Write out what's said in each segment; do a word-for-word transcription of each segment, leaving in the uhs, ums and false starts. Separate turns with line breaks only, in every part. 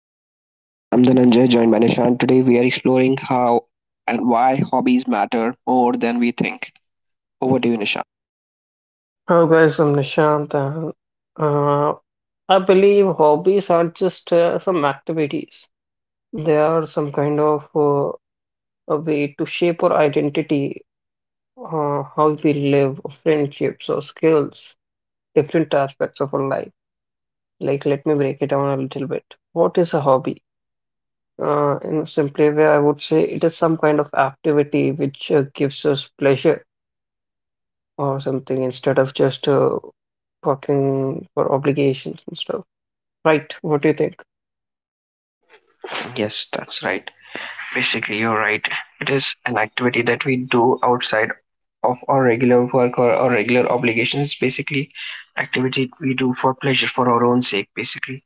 Hello and welcome. I'm Dhananjay, joined by Nishan. Today we are exploring how and why hobbies matter more than we think. Over to you, Nishan.
Oh, guys, I'm Nishant, and uh, I believe hobbies are just uh, some activities. They are some kind of uh, a way to shape our identity, uh, how we live, friendships, or skills, different aspects of our life. Like, let me break it down a little bit. What is a hobby? Uh, in a simpler way, I would say it is some kind of activity which uh, gives us pleasure or something instead of just uh, working for obligations and stuff. Right, what do you think?
Yes, that's right. Basically, you're right. It is an activity that we do outside of our regular work or our regular obligations. It's basically activity we do for pleasure, for our own sake, basically.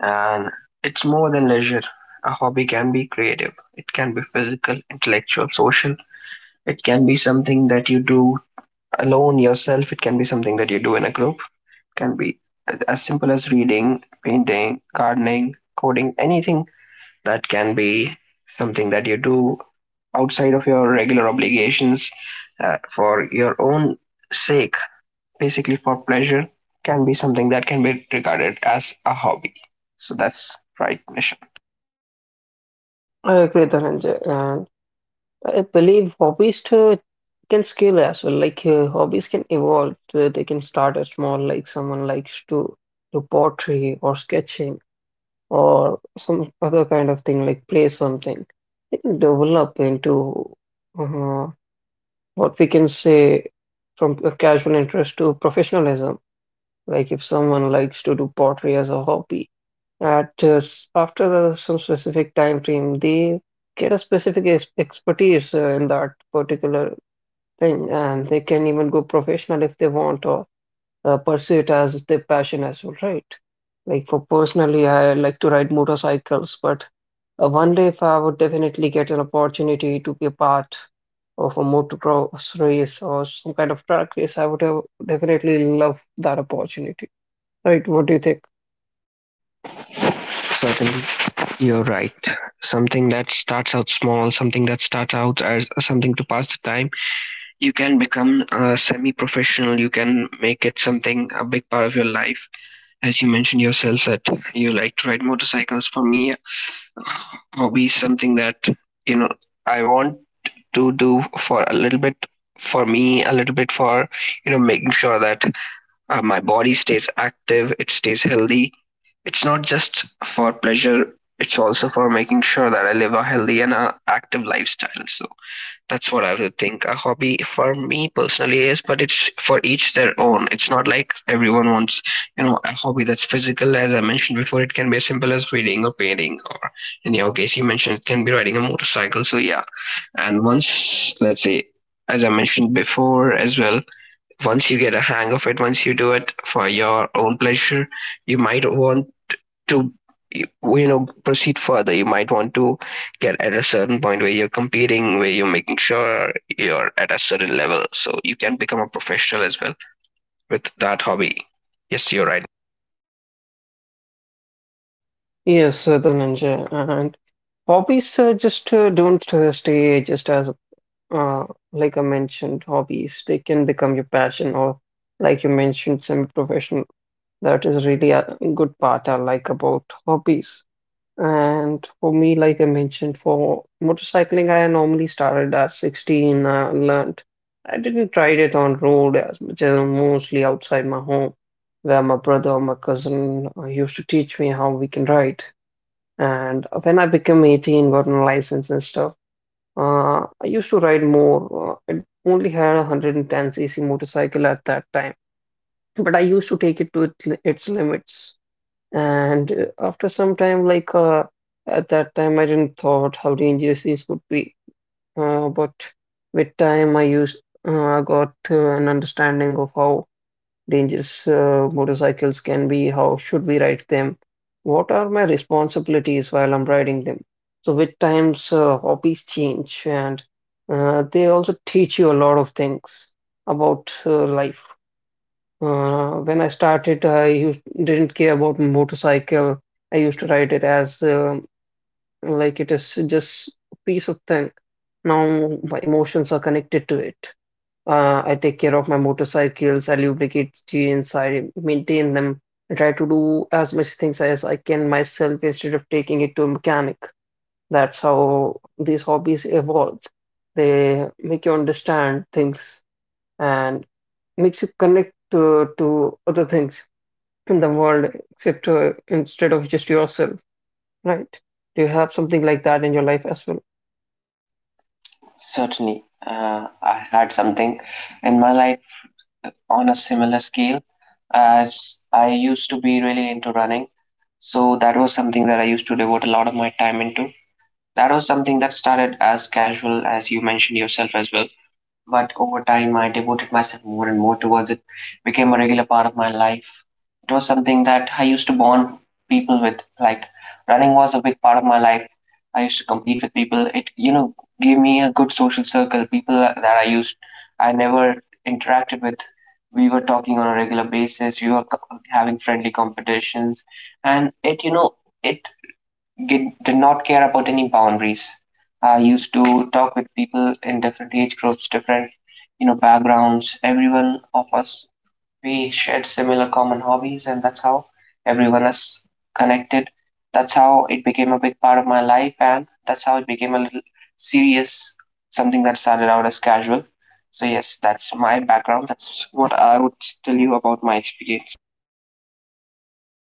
And it's more than leisure. A hobby can be creative. It can be physical, intellectual, social. It can be something that you do alone yourself. It can be something that you do in a group. It can be as simple as reading, painting, gardening, coding, anything that can be something that you do outside of your regular obligations, uh, for your own sake, basically for pleasure, can be something that can be regarded as a hobby. So that's right, mission.
I agree, Dhananjay, and I believe hobbies too can scale as well. Like uh, hobbies can evolve. So they can start as small, like someone likes to do pottery or sketching or some other kind of thing, like play something. They can develop into uh, what we can say from a casual interest to professionalism. Like if someone likes to do pottery as a hobby, at just after the- some specific time frame, they get a specific ex- expertise uh, in that particular thing, and they can even go professional if they want or uh, pursue it as their passion as well, right? Like for personally, I like to ride motorcycles, but uh, one day if I would definitely get an opportunity to be a part of a motocross race or some kind of track race, I would have definitely love that opportunity, right? What do you think?
Certainly, you're right. Something that starts out small, something that starts out as something to pass the time, you can become a semi professional you can make it something a big part of your life. As you mentioned yourself that you like to ride motorcycles, for me, uh, hobby is something that you know I want to do for a little bit. For me a little bit for you know making sure that uh, my body stays active, it stays healthy. It's not just for pleasure, it's also for making sure that I live a healthy and a active lifestyle. So that's what I would think a hobby for me personally is, but it's for each their own. It's not like everyone wants, you know, a hobby that's physical. As I mentioned before, it can be as simple as reading or painting, or in your case, you mentioned it can be riding a motorcycle. So yeah, and once, let's say, as I mentioned before as well, once you get a hang of it, once you do it for your own pleasure, you might want to you know proceed further. You might want to get at a certain point where you're competing, where you're making sure you're at a certain level, so you can become a professional as well with that hobby. Yes, you're right.
Yes, uh, Dhananjay. And hobbies uh, just uh, don't uh, stay just as, uh, like I mentioned, hobbies. They can become your passion, or like you mentioned, semi-professional. That is really a good part I like about hobbies. And for me, like I mentioned, for motorcycling, I normally started at sixteen. I learned. I didn't try it on road as much as mostly outside my home, where my brother or my cousin uh, used to teach me how we can ride. And when I became eighteen, got my license and stuff, uh, I used to ride more. Uh, I only had a one hundred ten c c motorcycle at that time, but I used to take it to it- its limits. And uh, after some time, like uh, at that time, I didn't thought how dangerous this would be. Uh, but with time, I used uh, got uh, an understanding of how dangers uh, motorcycles can be, how should we ride them, what are my responsibilities while I'm riding them. So with times, uh, hobbies change and uh, they also teach you a lot of things about uh, life. Uh, when I started, I used, didn't care about motorcycle. I used to ride it as um, like it is just a piece of thing. Now my emotions are connected to it. Uh, I take care of my motorcycles, I lubricate chains, I maintain them. I try to do as much things as I can myself instead of taking it to a mechanic. That's how these hobbies evolve. They make you understand things and makes you connect to, to other things in the world except uh, instead of just yourself, right? Do you have something like that in your life as well?
Certainly, uh, I had something in my life on a similar scale, as I used to be really into running. So that was something that I used to devote a lot of my time into. That was something that started as casual, as you mentioned yourself as well. But over time I devoted myself more and more towards it. It became a regular part of my life. It was something that I used to bond people with. Like, running was a big part of my life. I used to compete with people. It you know gave me a good social circle. People that I used I never interacted with, we were talking on a regular basis. We were co- having friendly competitions, and it you know it did not care about any boundaries. I used to talk with people in different age groups, different you know backgrounds. Everyone of us, we shared similar common hobbies, and that's how everyone is connected. That's how it became a big part of my life, and that's how it became a little serious, something that started out as casual. So yes, that's my background. That's what I would tell you about my experience.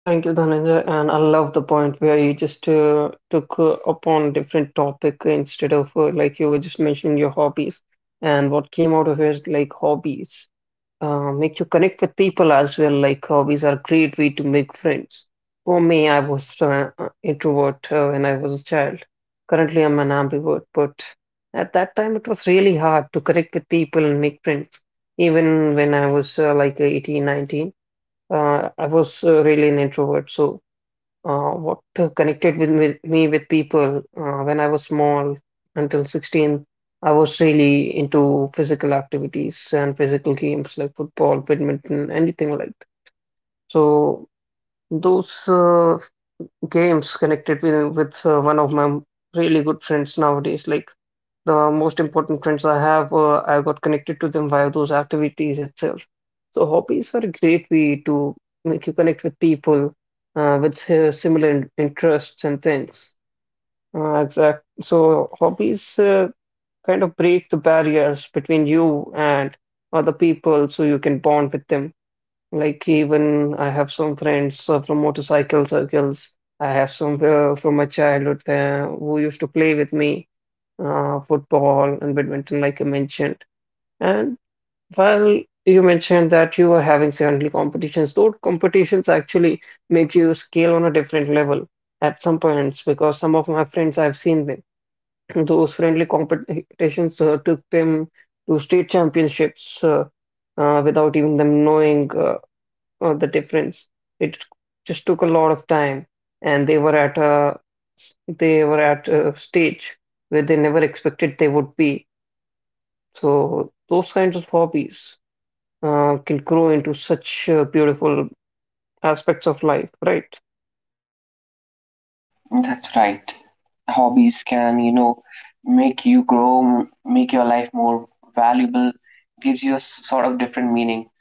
Thank you, Dhananjay. And I love the point where you just uh, took uh, upon different topic instead of uh, like you were just mentioning your hobbies. And what came out of it is like hobbies uh, make you connect with people as well. Like hobbies are a great way to make friends. For me, I was uh, uh, introvert uh, when I was a child. Currently, I'm an ambivert, but at that time it was really hard to connect with people and make friends. Even when I was uh, like eighteen, nineteen. Uh, I was uh, really an introvert, so uh, what uh, connected with me, me with people uh, when I was small until sixteen, I was really into physical activities and physical games like football, badminton, anything like that. So those uh, games connected with with uh, one of my really good friends nowadays. Like the most important friends I have, uh, I got connected to them via those activities itself. So hobbies are a great way to make you connect with people uh, with uh, similar in- interests and things. Uh, exact. So hobbies uh, kind of break the barriers between you and other people, so you can bond with them. Like even I have some friends uh, from motorcycle circles. I have some uh, from my childhood where who used to play with me uh, football and badminton, like I mentioned. And while you mentioned that you were having certainly competitions, those competitions actually make you scale on a different level at some points because some of my friends I've seen them. Those friendly competitions uh, took them to state championships uh, uh, without even them knowing. Uh, uh, the difference. It just took a lot of time, and they were at a they were at a stage where they never expected they would be. So those kinds of hobbies uh, can grow into such uh, beautiful aspects of life, right?
That's right. Hobbies can, you know, make you grow, m- make your life more valuable, gives you a s- sort of different meaning.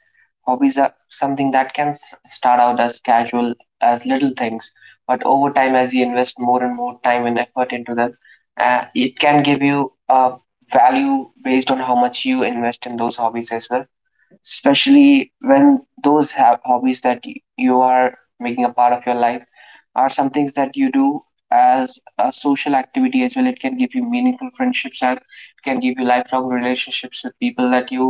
Hobbies are something that can s- start out as casual, as little things, but over time, as you invest more and more time and effort into them, uh, it can give you a value based on how much you invest in those hobbies as well, especially when those have hobbies that y- you are making a part of your life, are some things that you do as a social activity as well. It can give you meaningful friendships, and it can give you lifelong relationships with people that you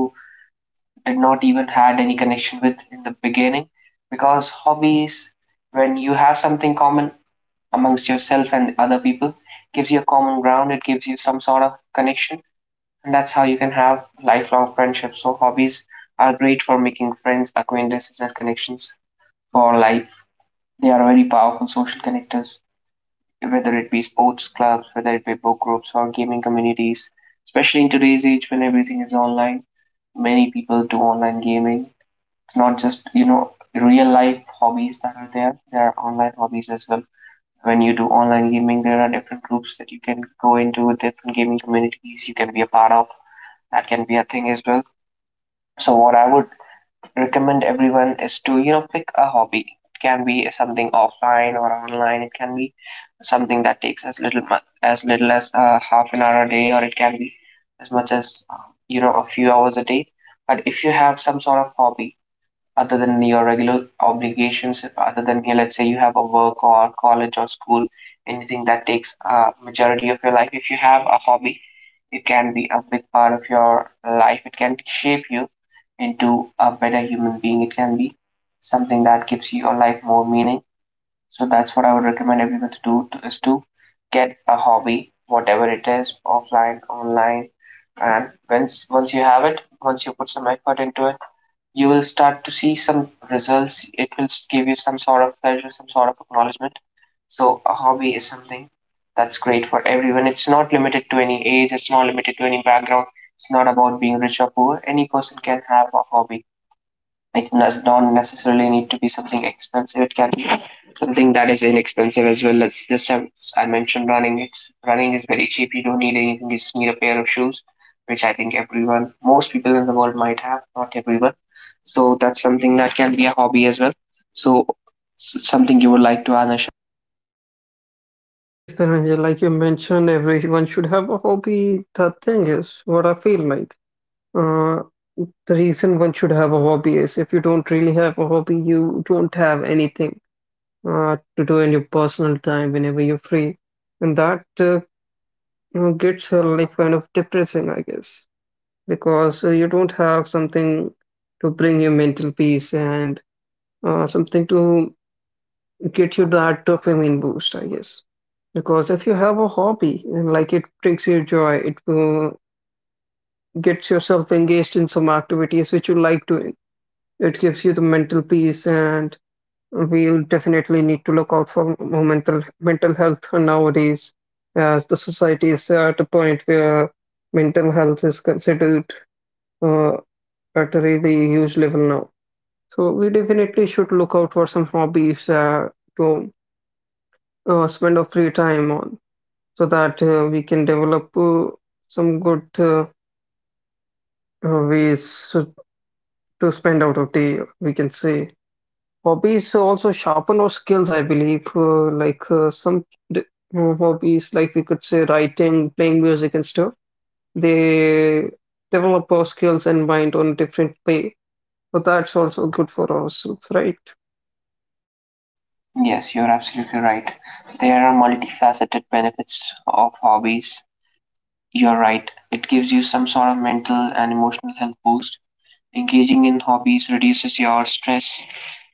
did not even had any connection with in the beginning, because hobbies, when you have something common amongst yourself and other people, gives you a common ground, it gives you some sort of connection, and that's how you can have lifelong friendships. So hobbies are great for making friends, acquaintances, and connections for life. They are very powerful social connectors, whether it be sports clubs, whether it be book groups or gaming communities. Especially in today's age when everything is online, many people do online gaming. It's not just, you know, real life hobbies that are there, there are online hobbies as well. When you do online gaming, there are different groups that you can go into, different gaming communities you can be a part of. That can be a thing as well. So what I would recommend everyone is to you know pick a hobby. It can be something offline or online. It can be something that takes as little mu- as little as uh, half an hour a day, or it can be as much as uh, you know a few hours a day. But if you have some sort of hobby other than your regular obligations, other than here, let's say you have a work or college or school, anything that takes a majority of your life. If you have a hobby, it can be a big part of your life. It can shape you into a better human being. It can be something that gives your life more meaning. So that's what I would recommend everyone to do to, is to get a hobby, whatever it is, offline, online, and once once you have it, once you put some effort into it, you will start to see some results. It will give you some sort of pleasure, some sort of acknowledgement. So, a hobby is something that's great for everyone. It's not limited to any age, it's not limited to any background. It's not about being rich or poor. Any person can have a hobby. It does not necessarily need to be something expensive. It can be something that is inexpensive as well. Let's just have, I mentioned running. It's running is very cheap. You don't need anything. You just need a pair of shoes, which I think everyone, most people in the world might have. Not everyone, so that's something that can be a hobby as well. So, something you would like to add, Ash-?
Yes, Dhananjay, like you mentioned, everyone should have a hobby. The thing is, what I feel like, uh, the reason one should have a hobby is if you don't really have a hobby, you don't have anything uh, to do in your personal time whenever you're free. And that uh, you gets her life kind of depressing, I guess, because uh, you don't have something to bring you mental peace and uh, something to get you that dopamine boost, I guess. Because if you have a hobby and like it brings you joy, it uh, gets yourself engaged in some activities which you like doing. It gives you the mental peace, and we definitely need to look out for mental mental health nowadays, as the society is at a point where mental health is considered uh, at a really huge level now. So we definitely should look out for some hobbies uh, to uh, spend our free time on, so that uh, we can develop uh, some good uh, uh, ways to to spend out of the year, we can say. Hobbies also sharpen our skills, I believe. Uh, like uh, some d- uh, hobbies, like we could say writing, playing music, and stuff, they develop our skills and mind on different way. So that's also good for us, right?
Yes, you're absolutely right. There are multifaceted benefits of hobbies. You're right. It gives you some sort of mental and emotional health boost. Engaging in hobbies reduces your stress,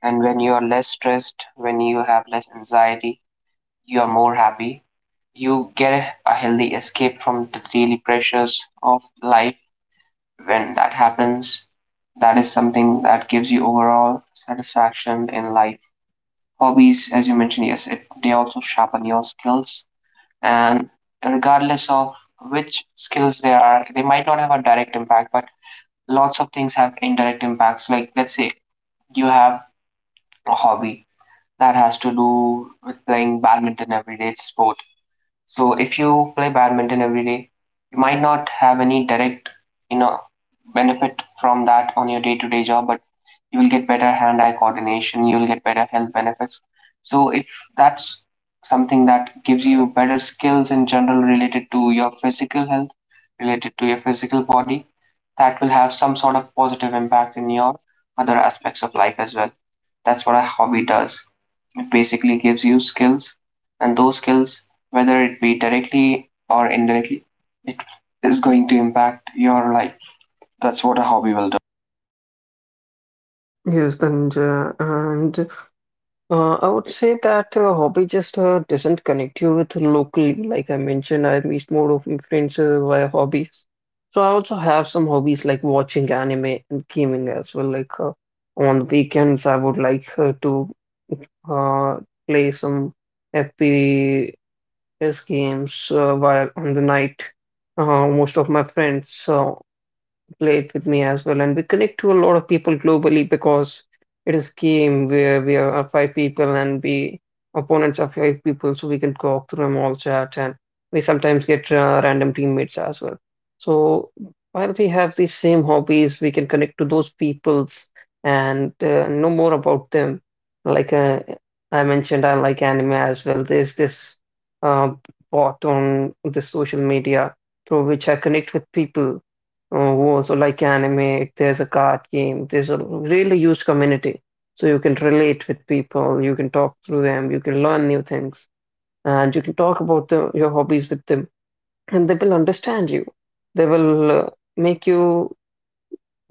and when you are less stressed, when you have less anxiety, you are more happy. You get a healthy escape from the daily pressures of life. When that happens, that is something that gives you overall satisfaction in life. Hobbies, as you mentioned, yes, it, they also sharpen your skills. And regardless of which skills there are, they might not have a direct impact, but lots of things have indirect impacts. Like, let's say you have a hobby that has to do with playing badminton every day, it's a sport. So if you play badminton every day, you might not have any direct, you know, benefit from that on your day-to-day job, but you will get better hand-eye coordination, you will get better health benefits. So if that's something that gives you better skills in general related to your physical health, related to your physical body, that will have some sort of positive impact in your other aspects of life as well. That's what a hobby does. It basically gives you skills, and those skills, whether it be directly or indirectly, it is going to impact your life. That's what a hobby will do.
Yes, Danja. And Uh, I would say that uh, hobby just uh, doesn't connect you with locally. Like I mentioned, I meet more of my friends uh, via hobbies. So I also have some hobbies like watching anime and gaming as well. Like uh, on weekends, I would like uh, to uh, play some F P S games uh, while on the night. Uh, most of my friends uh, play it with me as well. And we connect to a lot of people globally because it is game where we are five people and we opponents are five people, so we can talk through them all chat, and we sometimes get uh, random teammates as well. So while we have these same hobbies, we can connect to those peoples and uh, know more about them. Like uh, I mentioned, I like anime as well. There's this uh, bot on the social media through which I connect with people. Oh, oh, so like anime, if there's a card game, there's a really huge community. So you can relate with people, you can talk through them, you can learn new things, and you can talk about the, your hobbies with them, and they will understand you. They will uh, make you,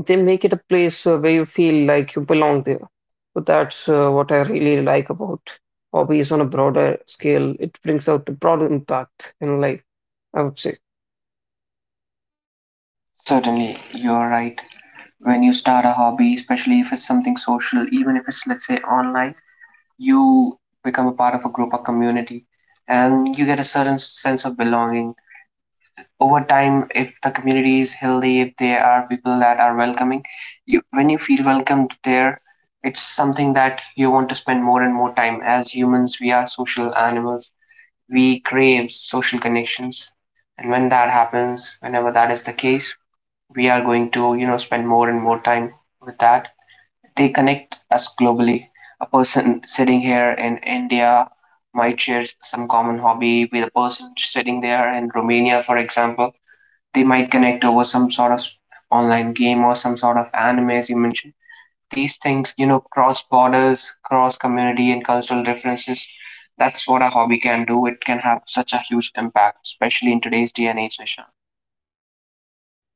they make it a place uh, where you feel like you belong there. So that's uh, what I really like about hobbies on a broader scale. It brings out the broader impact in life, I would say.
Certainly, you're right. When you start a hobby, especially if it's something social, even if it's, let's say, online, you become a part of a group, a community, and you get a certain sense of belonging. Over time, if the community is healthy, if there are people that are welcoming you, when you feel welcomed there, it's something that you want to spend more and more time. As humans, we are social animals, we crave social connections, and when that happens, whenever that is the case, we are going to you know spend more and more time with that. They connect us globally. A person sitting here in India might share some common hobby with a person sitting there in Romania, for example. They might connect over some sort of online game or some sort of anime, as you mentioned. These things, you know, cross borders, cross community, and cultural differences. That's what a hobby can do. It can have such a huge impact, especially in today's day and age, Nishan.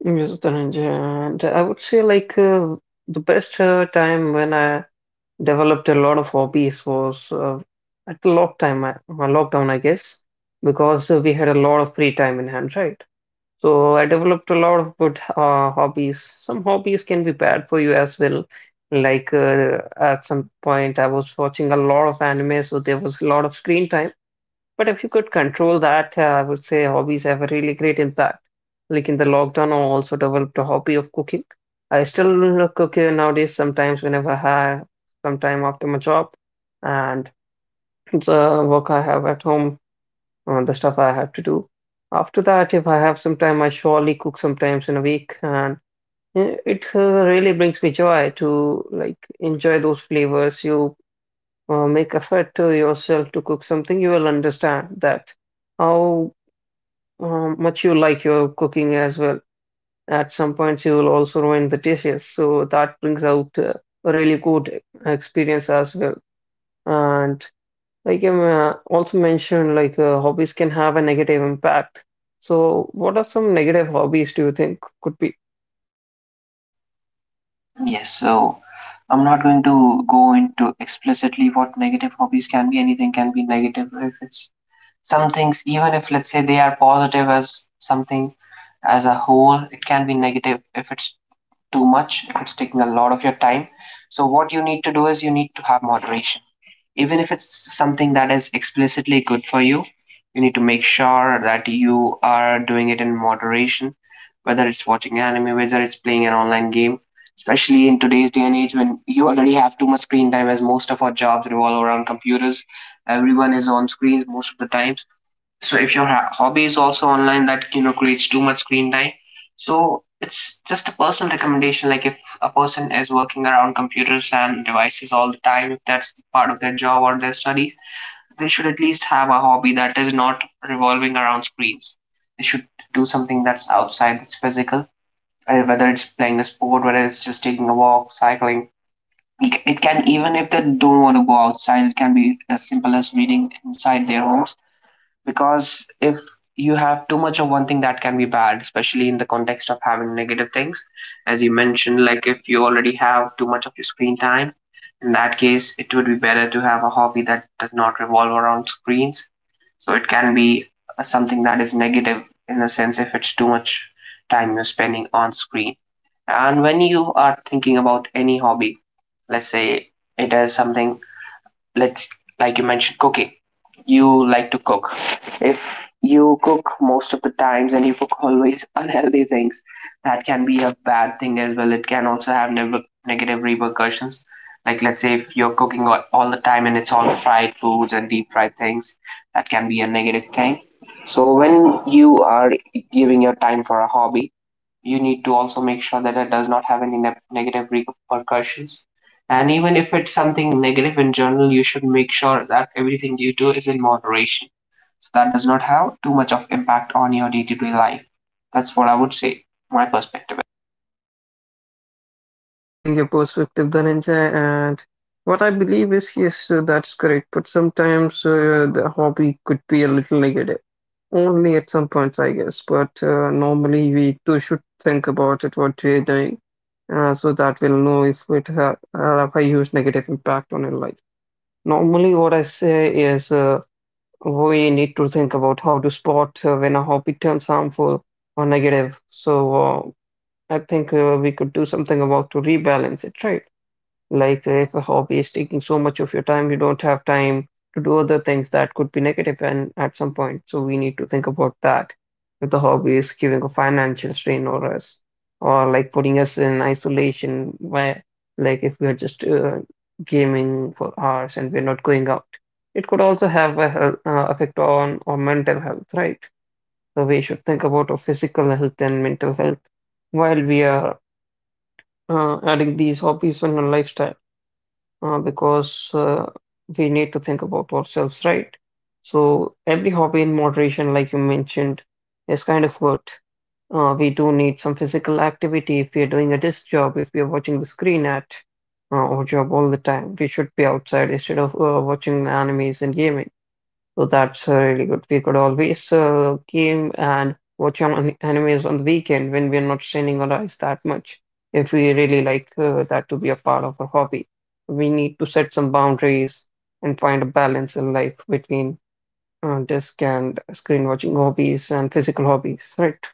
Yes, Dhananjay. And I would say like uh, the best uh, time when I developed a lot of hobbies was uh, at the lockdown, I- uh, well, lockdown, I guess, because uh, we had a lot of free time in hand, right? So I developed a lot of good uh, hobbies. Some hobbies can be bad for you as well. Like uh, at some point, I was watching a lot of anime, so there was a lot of screen time. But if you could control that, uh, I would say hobbies have a really great impact. Like in the lockdown, I also developed a hobby of cooking. I still cook uh, nowadays sometimes whenever I have some time after my job and the work I have at home, uh, the stuff I have to do. After that, if I have some time, I surely cook sometimes in a week, and uh, it uh, really brings me joy to like enjoy those flavors. You uh, make effort to yourself to cook something, you will understand that how um, much you like your cooking as well. At some points, you will also ruin the dishes, so that brings out uh, a really good experience as well. And like i uh, also mentioned, like uh, hobbies can have a negative impact. So, what are some negative hobbies do you think could be?
Yes, so I'm not going to go into explicitly what negative hobbies can be. Anything can be negative if it's some things, even if let's say they are positive as something as a whole. It can be negative if it's too much, it's taking a lot of your time. So, what you need to do is you need to have moderation. Even if it's something that is explicitly good for you, you need to make sure that you are doing it in moderation, whether it's watching anime, whether it's playing an online game. Especially in today's day and age when you already have too much screen time, as most of our jobs revolve around computers, everyone is on screens most of the times, so if your ha- hobby is also online that, you know, creates too much screen time. So it's just a personal recommendation, like if a person is working around computers and devices all the time, if that's part of their job or their study, they should at least have a hobby that is not revolving around screens. They should do something that's outside, that's physical, uh, whether it's playing a sport, whether it's just taking a walk, cycling. It it can, even if they don't want to go outside, it can be as simple as reading inside their homes. Because if you have too much of one thing, that can be bad, especially in the context of having negative things, as you mentioned, like if you already have too much of your screen time, in that case it would be better to have a hobby that does not revolve around screens. So it can be uh, something that is negative in a sense if it's too much time you're spending on screen. And when you are thinking about any hobby, let's say it is something, let's like you mentioned cooking, you like to cook. If you cook most of the times and you cook always unhealthy things, that can be a bad thing as well. It can also have nev- negative repercussions. Like, let's say if you're cooking all, all the time and it's all fried foods and deep fried things, that can be a negative thing. So, when you are giving your time for a hobby, you need to also make sure that it does not have any ne- negative repercussions. And even if it's something negative in general, you should make sure that everything you do is in moderation, so that does not have too much of impact on your day-to-day life. That's what I would say, my perspective.
Thanks for sharing your perspective, Dhananjay. And what I believe is yes, uh, that's correct. But sometimes uh, the hobby could be a little negative. Only at some points, I guess. But uh, normally, we too should think about it, what we're doing, uh, so that we'll know if it ha have a huge negative impact on your life. Normally, what I say is uh, we need to think about how to spot uh, when a hobby turns harmful or negative. So uh, I think uh, we could do something about to rebalance it, right? Like if a hobby is taking so much of your time, you don't have time to do other things that could be negative and at some point. So we need to think about that. If the hobby is giving a financial strain or us or like putting us in isolation where like if we are just uh, gaming for hours and we're not going out, it could also have a health, uh, effect on our mental health, right? So we should think about our physical health and mental health while we are uh, adding these hobbies on our lifestyle uh, because uh, we need to think about ourselves, right? So every hobby in moderation, like you mentioned, is kind of good. Uh, we do need some physical activity if we are doing a desk job, if we are watching the screen at uh, our job all the time. We should be outside instead of uh, watching animes and gaming. So that's uh, really good. We could always uh, game and watch an- animes on the weekend when we are not straining our eyes that much. If we really like uh, that to be a part of our hobby, we need to set some boundaries and find a balance in life between uh, desk and screen watching hobbies and physical hobbies, right?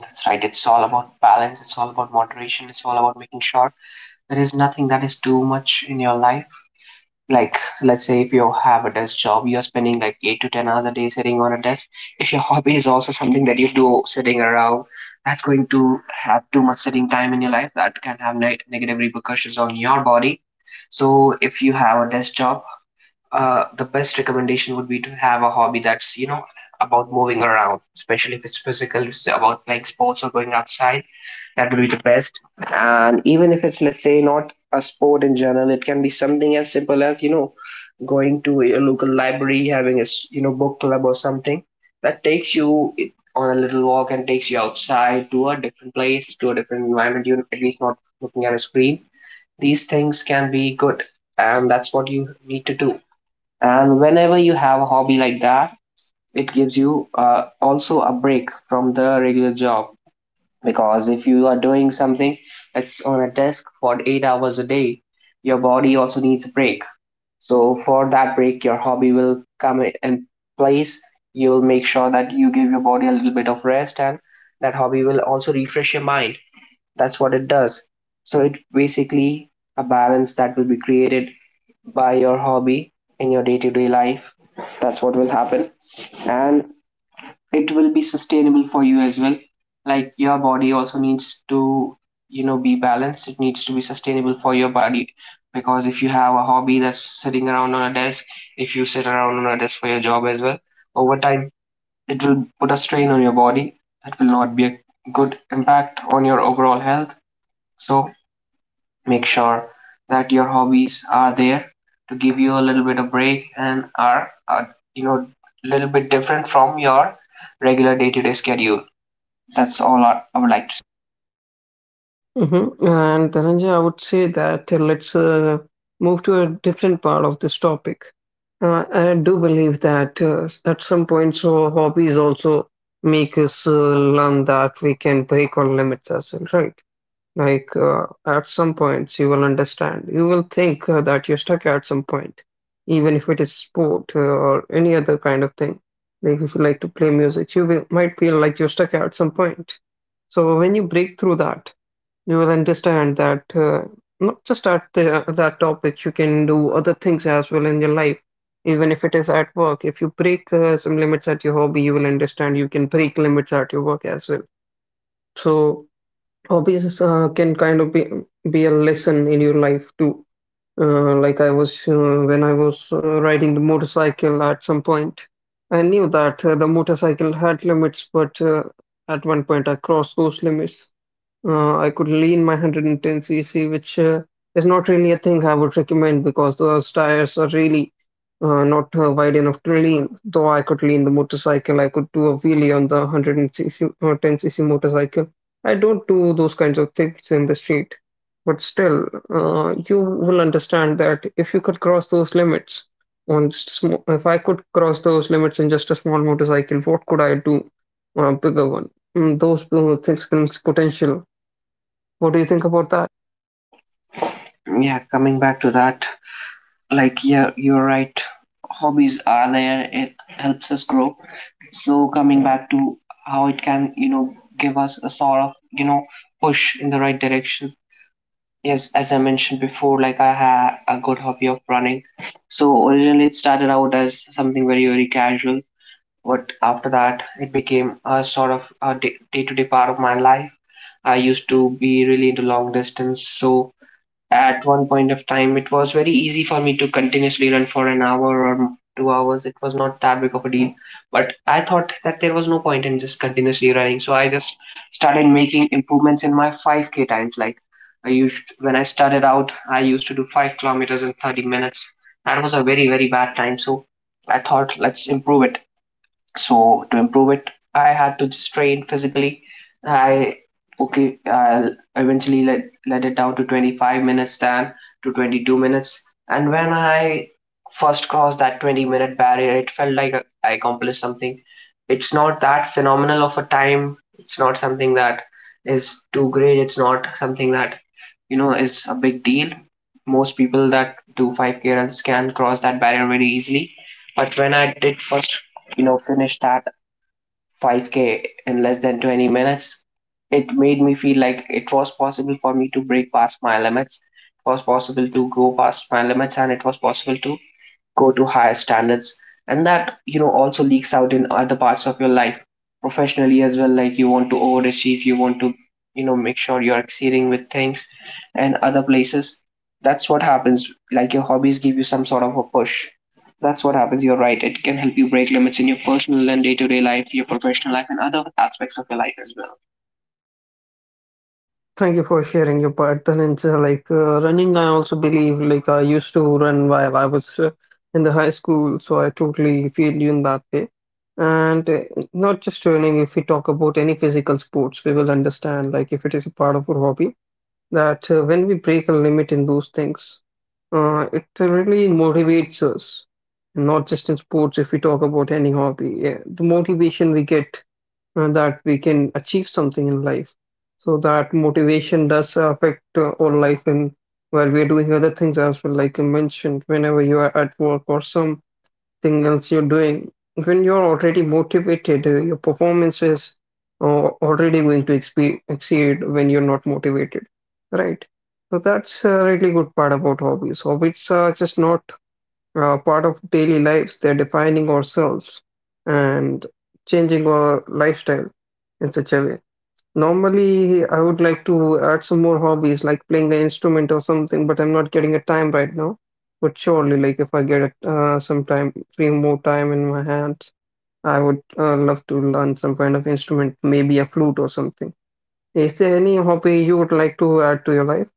That's right. It's all about balance. It's all about moderation. It's all about making sure there is nothing that is too much in your life. Like, let's say if you have a desk job, you're spending like eight to ten hours a day sitting on a desk. If your hobby is also something that you do sitting around, that's going to have too much sitting time in your life. That can have neg negative repercussions on your body. So if you have a desk job, uh, the best recommendation would be to have a hobby that's, you know, about moving around, especially if it's physical, if it's about playing sports or going outside. That would be the best. And even if it's, let's say, not a sport in general, it can be something as simple as, you know, going to a local library, having a, you know, book club or something that takes you on a little walk and takes you outside to a different place, to a different environment. You're at least not looking at a screen. These things can be good, and that's what you need to do. And whenever you have a hobby like that, it gives you uh, also a break from the regular job. Because if you are doing something that's on a desk for eight hours a day, your body also needs a break. So for that break, your hobby will come in place. You'll make sure that you give your body a little bit of rest, and that hobby will also refresh your mind. That's what it does. So it basically a balance that will be created by your hobby in your day-to-day life. That's what will happen. And it will be sustainable for you as well. Like, your body also needs to, you know, be balanced, it needs to be sustainable for your body. Because if you have a hobby that's sitting around on a desk, if you sit around on a desk for your job as well, over time it will put a strain on your body. That will not be a good impact on your overall health. So make sure that your hobbies are there to give you a little bit of break, and are, are, you know, a little bit different from your regular day-to-day schedule. That's all I, I would like to
Mhm, and Dhananjay, I would say that uh, let's uh, move to a different part of this topic. Uh, I do believe that uh, at some point, so hobbies also make us uh, learn that we can break or limit ourselves, right? Like uh, at some points, you will understand. You will think uh, that you're stuck at some point, even if it is sport uh, or any other kind of thing. Like if you like to play music, you will, might feel like you're stuck at some point. So when you break through that, you will understand that uh, not just at the, that topic, you can do other things as well in your life, even if it is at work. If you break uh, some limits at your hobby, you will understand you can break limits at your work as well. So hobbies uh, can kind of be be a lesson in your life too. Uh, like I was uh, when I was uh, riding the motorcycle at some point, I knew that uh, the motorcycle had limits, but uh, at one point I crossed those limits. Uh, I could lean my one ten c c, which uh, is not really a thing I would recommend because those tires are really uh, not uh, wide enough to lean. Though I could lean the motorcycle, I could do a wheelie on the one ten c c uh, ten c c motorcycle. I don't do those kinds of things in the street. But still, uh, you will understand that if you could cross those limits on just small, if I could cross those limits in just a small motorcycle, what could I do on a bigger one? Mm, those uh, things brings potential. What do you think about that?
say. Yeah, coming back to that, like, yeah, you're right. Hobbies are there, it helps us grow. So, coming back to how it can, you know, give us a sort of, you know, push in the right direction. Yes, as I mentioned before, like, I had a good hobby of running. So, originally, it started out as something very, very casual. But after that, it became a sort of a day to day part of my life. I used to be really into long distance, so at one point of time it was very easy for me to continuously run for an hour or two hours. It was not that big of a deal, but I thought that there was no point in just continuously running. So I just started making improvements in my five k times. Like, I used when I started out, I used to do five kilometers in thirty minutes. That was a very, very bad time. So I thought, let's improve it. So to improve it, I had to just train physically. I Okay, I'll eventually let let it down to twenty-five minutes, then to twenty-two minutes. And when I first crossed that twenty minute barrier, it felt like I accomplished something. It's not that phenomenal of a time. It's not something that is too great. It's not something that, you know, is a big deal. Most people that do five k runs can cross that barrier very easily. But when I did first, you know, finish that five K in less than twenty minutes, it made me feel like it was possible for me to break past my limits. It was possible to go past my limits, and it was possible to go to higher standards. And that, you know, also leaks out in other parts of your life professionally as well. Like, you want to overachieve, you want to, you know, make sure you're exceeding with things and other places. That's what happens. Like, your hobbies give you some sort of a push. That's what happens. You're right, it can help you break limits in your personal and day-to-day life, your professional life, and other aspects of your life as well.
Thank you for sharing your part. Then it's uh, like uh, running. I also believe like I used to run while I was uh, in the high school, so I totally feel you in that way. And uh, not just running. If we talk about any physical sports, we will understand like if it is a part of our hobby that uh, when we break a limit in those things, uh, it really motivates us. Not just in sports. If we talk about any hobby, yeah, the motivation we get uh, that we can achieve something in life. So that motivation does affect uh, our life in while we are doing other things as well. Like you mentioned, whenever you are at work or something else you're doing, when you're already motivated, uh, your performance is uh, already going to expe- exceed when you're not motivated, right? So that's a really good part about hobbies. Hobbies are just not uh, part of daily lives. They're defining ourselves and changing our lifestyle in such a way. Normally, I would like to add some more hobbies like playing an instrument or something, but I'm not getting a time right now. But surely, like if I get uh, some time, few more time in my hands, I would uh, love to learn some kind of instrument, maybe a flute or something. Is there any hobby you would like to add to your life?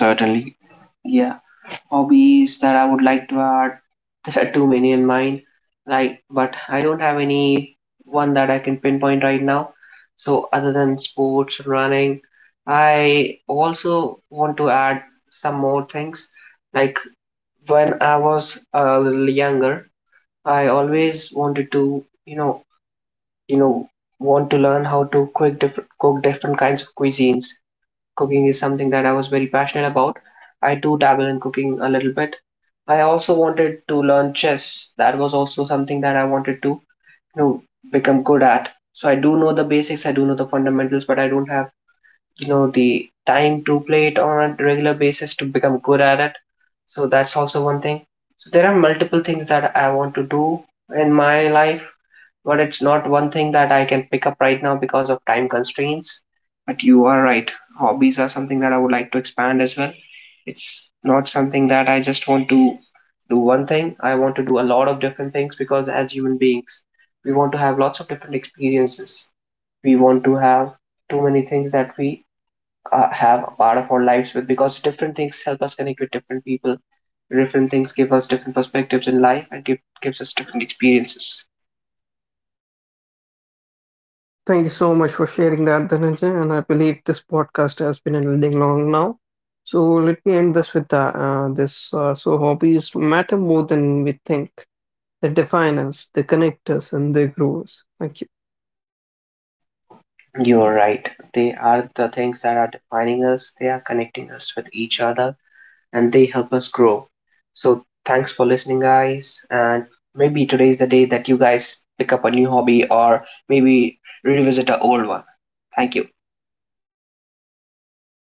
Certainly. Yeah. Hobbies that I would like to add, there are too many in mind, like, but I don't have any one that I can pinpoint right now. So, other than sports, running, I also want to add some more things. Like, when I was a little younger, I always wanted to, you know, you know, want to learn how to cook different, cook different kinds of cuisines. Cooking is something that I was very passionate about. I do dabble in cooking a little bit. I also wanted to learn chess. That was also something that I wanted to, you know, become good at. So I do know the basics, I do know the fundamentals, but I don't have, you know, the time to play it on a regular basis to become good at it. So that's also one thing. So there are multiple things that I want to do in my life, but it's not one thing that I can pick up right now because of time constraints. But you are right. Hobbies are something that I would like to expand as well. It's not something that I just want to do one thing. I want to do a lot of different things, because as human beings, we want to have lots of different experiences. We want to have too many things that we uh, have a part of our lives with, because different things help us connect with different people. Different things give us different perspectives in life and give, gives us different experiences.
Thank you so much for sharing that, Dhananjay. And I believe this podcast has been ending long now. So let me end this with that. Uh, this uh, so hobbies matter more than we think. They define us, they connect us, and they grow us. Thank you.
You're right. They are the things that are defining us, they are connecting us with each other, and they help us grow. So, thanks for listening, guys. And maybe today's the day that you guys pick up a new hobby or maybe revisit an old one. Thank you.